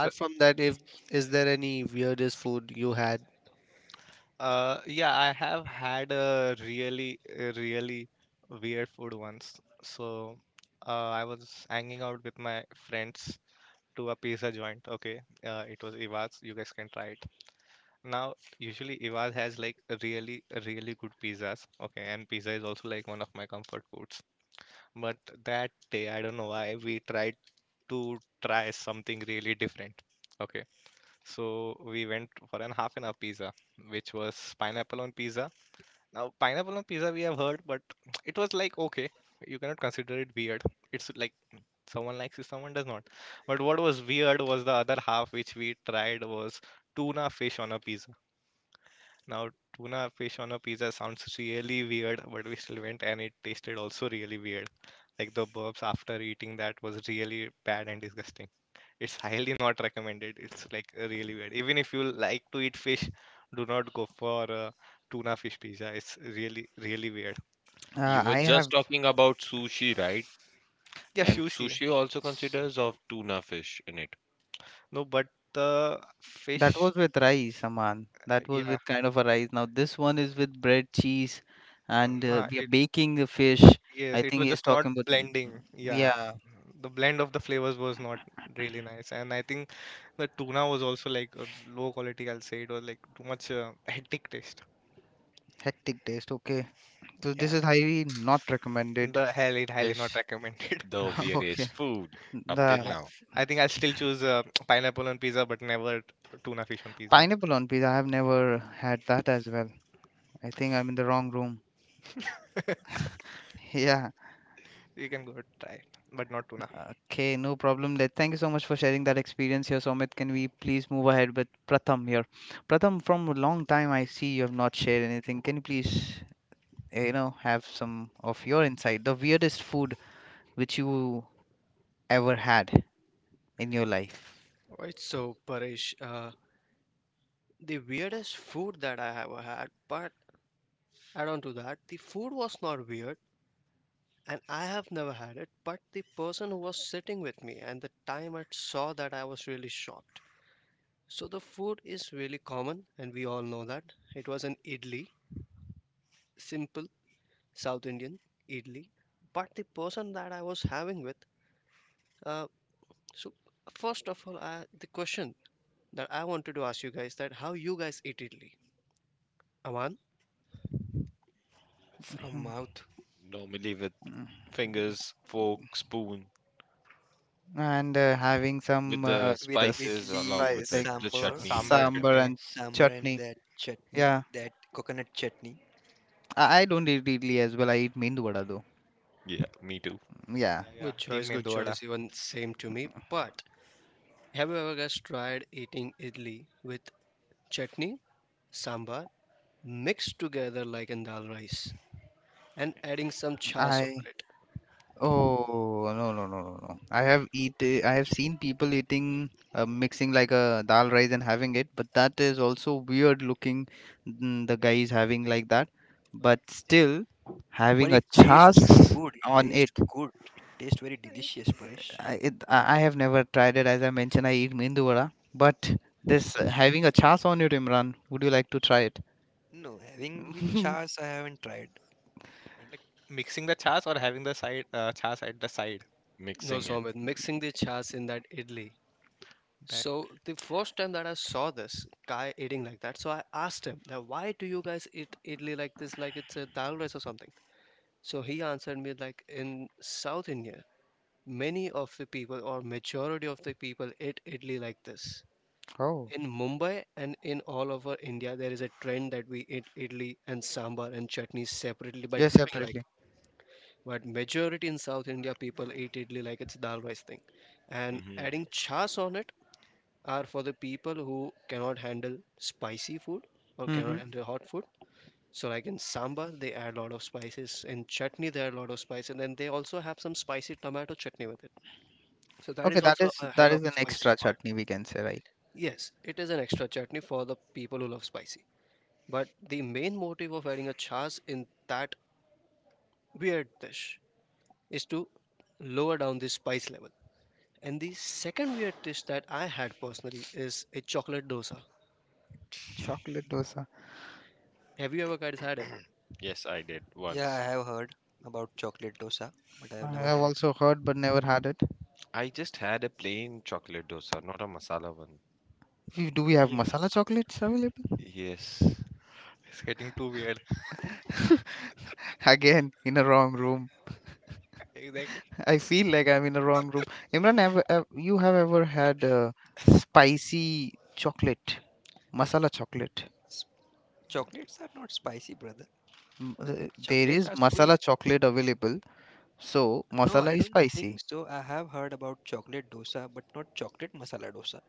So,
from that, if is there any weirdest food you had?
uh, yeah, I have had a really weird food once. So, I was hanging out with my friends to a pizza joint. Okay, it was Iwas. You guys can try it. Now, usually Ival has like a really good pizzas. Okay, and pizza is also like one of my comfort foods. But that day, I don't know why, we tried to try something really different. Okay, so we went for an half an hour pizza, which was pineapple on pizza. Now, pineapple on pizza we have heard, but it was like okay, you cannot consider it weird. It's like someone likes it, someone does not. But what was weird was the other half, which we tried was tuna fish on a pizza. Now, tuna fish on a pizza sounds really weird, but we still went and it tasted also really weird. Like the burps after eating that was really bad and disgusting. It's highly not recommended. It's like really weird. Even if you like to eat fish, do not go for a tuna fish pizza. It's really, really weird.
You were
I have
just talking about sushi, right?
Yeah,
And
sushi.
sushi also considers of tuna fish in it.
No, but the
that
fish,
was with rice, Aman. That was
yeah.
with kind of a rice. Now this one is with bread, cheese, and
Uh, uh,
we are
it,
baking the fish.
yes,
I
it
think
was
he's
just not
talking about mm,
blending. Yeah.
yeah,
The blend of the flavors was not really nice. And I think the tuna was also like low quality, I'll say. It was like too much hectic taste.
hectic taste. Okay, so this
Yeah,
is highly not recommended
the highly, highly not
dish.
recommended.
The
Okay.
weirdest food
I,
up till
The
I
now.
I think I'll still choose pineapple on pizza, but never tuna fish on pizza.
pineapple on pizza. I have never had that as well. I think I'm in the wrong room. Yeah.
You can go try it, but not tuna.
Okay, no problem there. Thank you so much for sharing that experience here, Somit. Can we please move ahead with Pratham here? Pratham, from a long time I see you have not shared anything. Can you please, eh, you know, have some of your insight? The weirdest food which you ever had in your life.
Right, so Paresh, the weirdest food that I have had, but add on to that, the food was not weird and I have never had it, but the person who was sitting with me and the time I saw that I was really shocked. So the food is really common and we all know that. It was an idli, simple South Indian idli, but the person that I was having with, uh, so first of all, the question that I wanted to ask you guys that how you guys eat idli. Aman?
From mouth.
Normally with fingers, fork, spoon,
And having some
with the
With
the
spices
idli
along
and
spice
with it,
like
the
sambar.
chutneys
Sambar,
and
sambar
chutney,
and
everything.
Sambar and
chutney.
that chutney,
Yeah.
that coconut chutney.
I don't eat idli as well. I eat mend vada though.
Yeah, me too.
Yeah,
yeah, yeah,
Good
team
choice, good
mendu vada.
choice. Even same to me. But have you ever guys tried eating idli with chutney, sambar mixed together like in dal rice and adding some chas over
I
it?
oh, no. I have eat I have seen people eating mixing like a dal rice and having it, but that is also weird looking. Mm, the guy is having like that, but still having
But
a
it tastes
chas
good. It
on
tastes
it.
good. It tastes very delicious, Paresh.
I have never tried it. As I mentioned, I eat mend vada, but this having a chas on it, Imran. Would you like to try it?
No, having with chas, I haven't tried. And
Like mixing the chas or having the side chas at the side.
No,
Mixing it.
Somit, mixing the chas in that idli.
That
So the first time that I saw this guy eating like that, so I asked him that why do you guys eat idli like this, like it's a dal rice or something? So he answered me like in South India, many of the people or majority of the people eat idli like this.
Oh,
In Mumbai and in all over India, there is a trend that we eat idli and sambar and chutney separately by
yes,
dipping
separately.
like. But majority in South India, people eat idli like it's dal rice thing, and
Hmm.
adding chas on it are for the people who cannot handle spicy food or cannot
Mm-hmm.
handle hot food. So like in sambar, they add a lot of spices. In chutney, they add a lot of spice, and then they also have some spicy tomato chutney with it. So that
Okay,
is
that
also
is
a hell of a
an
spicy
extra
part.
chutney we can say, right?
Yes, it is an extra chutney for the people who love spicy. But the main motive of adding a charge in that weird dish is to lower down the spice level. And the second weird dish that I had personally is a chocolate dosa.
Chocolate dosa.
Have you ever guys had it?
Yes, I did
yeah, I
once.
have heard about chocolate dosa, but I have
I
never
have
had.
also heard but never had it.
I just had a plain chocolate dosa, not a masala one.
We- Do we have
Yeah.
masala chocolates available?
Yes.
is getting too weird.
Again, in a wrong room.
Exactly.
I feel like I'm in a wrong room. Imran, have you have ever had spicy chocolate, masala chocolate?
S- chocolates are not spicy, brother.
M- uh, There
Chocolates
is
are
masala
sweet.
chocolate available, so
No,
masala
I
is
don't think
spicy.
so. I have heard about chocolate dosa, but not chocolate masala dosa.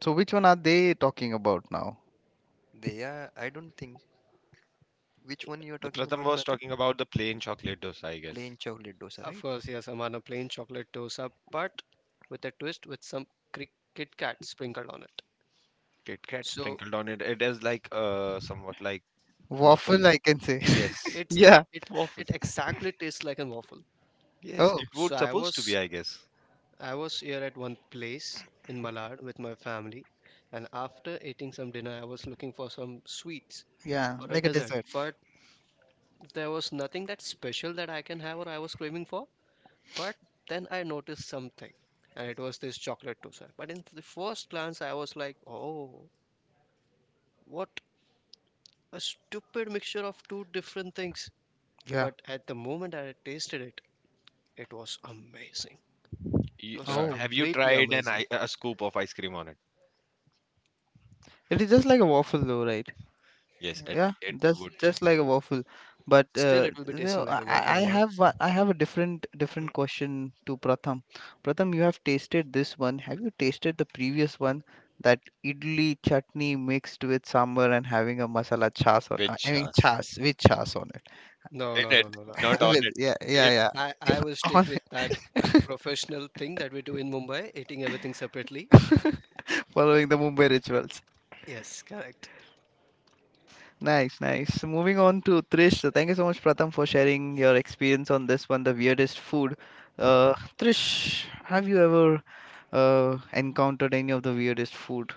So which one are they talking about now?
They are, I don't think. Which one you are
The
talking
Pratham
about,
was
Pratap?
talking about the plain chocolate dosa, I guess.
Plain chocolate dosa,
Of
right?
course, yes, I'm on a plain chocolate dosa, but with a twist with some Kit Kit Kat sprinkled on it.
Kit Kat
So
sprinkled on it. It is like somewhat like waffle.
Waffle, I can say.
it
Yes.
it's
Yeah.
it
Waffle.
it exactly tastes like a waffle.
Yes,
Oh,
it
So
would supposed to be, I guess.
I was here at one place in Malad with my family, and after eating some dinner, I was looking for some sweets
yeah,
or a
like a
dessert.
dessert.
But there was nothing that special that I can have or I was craving for. But then I noticed something, and it was this chocolate dosa. But in the first glance, I was like, oh, what a stupid mixture of two different things.
Yeah.
But at the moment I tasted it, it was amazing. It
You,
was
Oh.
have you
completely
tried
amazing.
a scoop of ice cream on it?
It is just like a waffle though, right?
Yes,
Yeah.
it
Yeah,
it
that's
would
just like a waffle. But
Still, it will be
you know,
tasting like
I,
a
I
waffle,
I
Ahmad.
have I have a different different
Mm.
question to Pratham. Pratham, you have tasted this one. Have you tasted the previous one that idli chutney mixed with sambar and having a masala chas on?
which
I mean,
has
chas with chas on it.
No,
in
no,
it,
no, no, no.
not on
With,
it.
yeah, yeah, yeah.
I will stick
On
with that professional thing that we do in Mumbai, eating everything separately.
following the Mumbai rituals.
Yes, correct.
Nice, nice. So moving on to Trish. So thank you so much, Pratham, for sharing your experience on this one, the weirdest food. Trish, have you ever encountered any of the weirdest food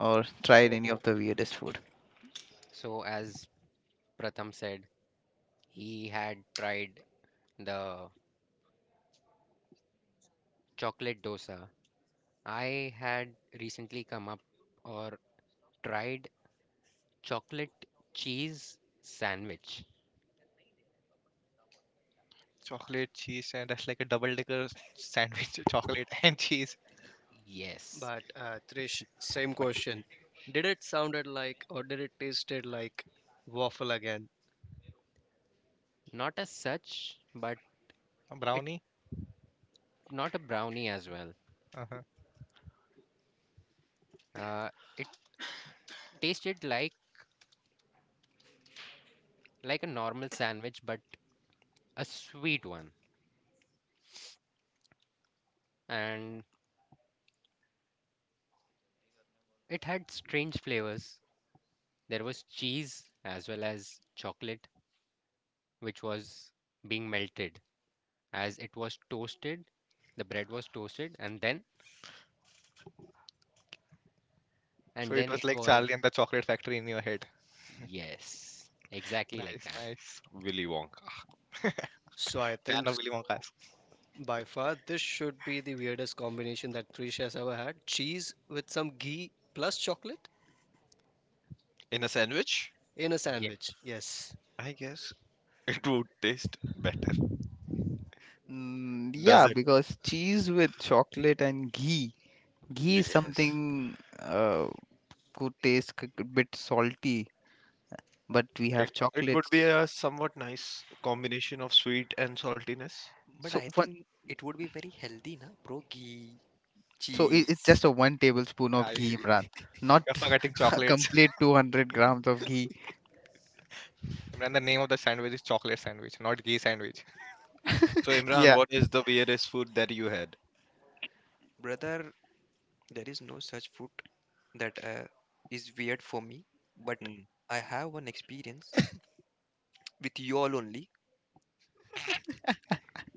or tried any of
So,
the weirdest food?
so as Pratham said, he had tried the chocolate dosa. I had recently come up or tried chocolate cheese sandwich.
Chocolate, cheese, and that's like a double decker sandwich. Chocolate and cheese.
Yes,
But Trish, same
but
question. Did it sounded like or did it tasted like waffle again?
not as such, but
A
it
brownie.
not a brownie as well.
Uh-huh.
Uh, it tasted like a normal sandwich, but a sweet one, and it had strange flavors. There was cheese as well as chocolate, which was being melted as it was toasted. The bread was toasted, and then
So
and
it
then
was
it
like
was
Charlie and the Chocolate Factory in your head.
yes, exactly like
Nice,
that.
nice.
In Willy Wonka.
So I
Fan
think
of Willy Wonka's.
by far this should be the weirdest combination that Trish has ever had. Cheese with some ghee plus chocolate
In a sandwich,
in a sandwich. Yes.
I guess it would taste better.
Mm,
Does
yeah,
it?
because cheese with chocolate and ghee. Ghee is
Yes.
something could taste a bit salty, but we have
It would be
chocolates.
a somewhat nice combination of sweet and saltiness.
But
So
I
one,
think it would be very healthy, na, bro. Ghee,
So it, it's
cheese.
just a one tablespoon of
I,
ghee,
you're
Imran, not
forgetting
a
chocolates.
complete 200 grams of ghee.
And the name of the sandwich is chocolate sandwich, not ghee sandwich.
So Imran,
Yeah,
what is the weirdest food that you had?
Brother, there is no such food that is weird for me. But
Hmm.
I have one experience with you all only.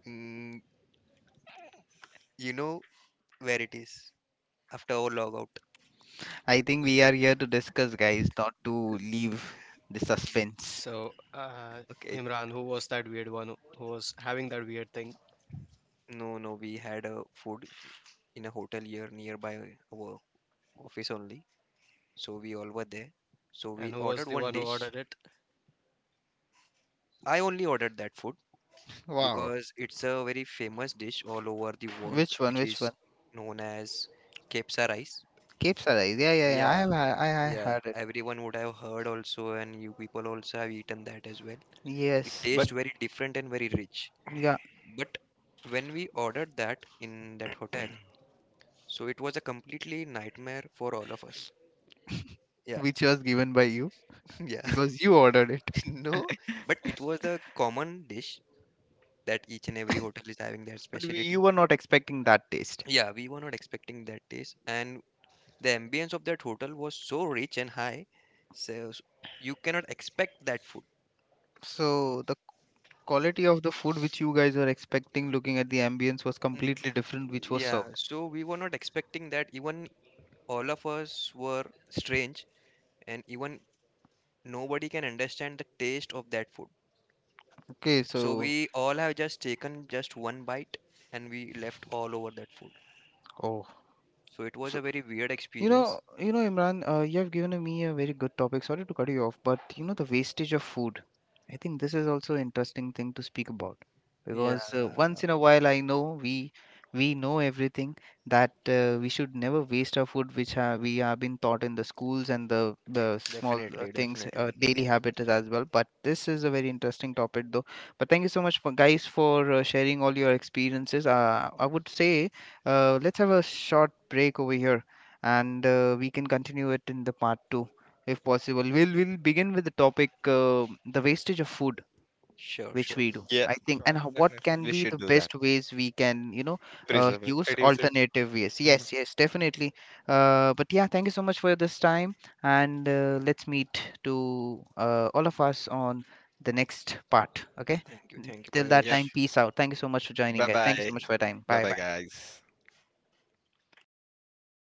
Mm, you know where it is after our logout.
I think we are here to discuss, guys, not to leave the suspense.
So
Okay.
Imran, who was having that weird thing?
No, no, we had a food in a hotel here nearby our office only. So we all were there. So we
And who was
ordered
the
one
one who
dish.
ordered it?
I only ordered that food,
Wow.
because it's a very famous dish all over the world,
Which one?
which
Which
is
one?
known as kepsa rice.
Capes Arise. Yeah, yeah, yeah. I
Yeah,
have, I
yeah,
had it.
everyone would have heard also, and you people also have eaten that as well. It
Yes.
But
tastes very different and very rich.
Yeah.
But when we ordered that in that hotel, so it was a completely nightmare for all of us. Yeah,
Which was given by you
yeah,
because you ordered it,
no, but it was the common dish that each and every hotel is having their
but you
specialty.
were not expecting that taste.
Yeah, we were not expecting that taste, and the ambience of that hotel was so rich and high, so you cannot expect that food.
So the quality of the food which you guys were expecting, looking at the ambience, was
Mm,
completely different, which was
yeah,
served.
so we were not expecting that. Even all of us were strange, and even nobody can understand the taste of that food.
Okay,
So
so
we all have just taken just one bite, and we left all over that food.
oh,
So it was
so
a very weird
you
experience.
know, you know, Imran, you have given me a very good topic. Sorry to cut you off, but you know the wastage of food. I think this is also interesting thing to speak about
Yeah,
because once in a while I know we know everything that we should never waste our food, which ha we have been taught in the schools and the small
definitely,
things,
definitely.
daily habits as well. But this is a very interesting topic though. But thank you so much for guys for sharing all your experiences. I would say let's have a short break over here and we can continue it in the part 2. If possible, we'll begin with the topic the wastage of food
Sure,
which
sure.
we do,
yeah,
I think,
Sure,
and what
definitely.
can
we
be
should
the
do that.
best ways we can, you know,
Preserve it.
use
Reduce it.
alternative ways.
Mhm.
Yes, yes, definitely. But yeah, thank you so much for this time, and let's meet to all of us on the next part, okay.
Thank you,
Till that
Yeah.
time,
Paresh.
peace out. Thank you so much for joining,
Bye
guys. Thank you
bye.
so
Thank
much
you,
for your time.
bye.
Bye
Bye
bye
bye.
guys.
No.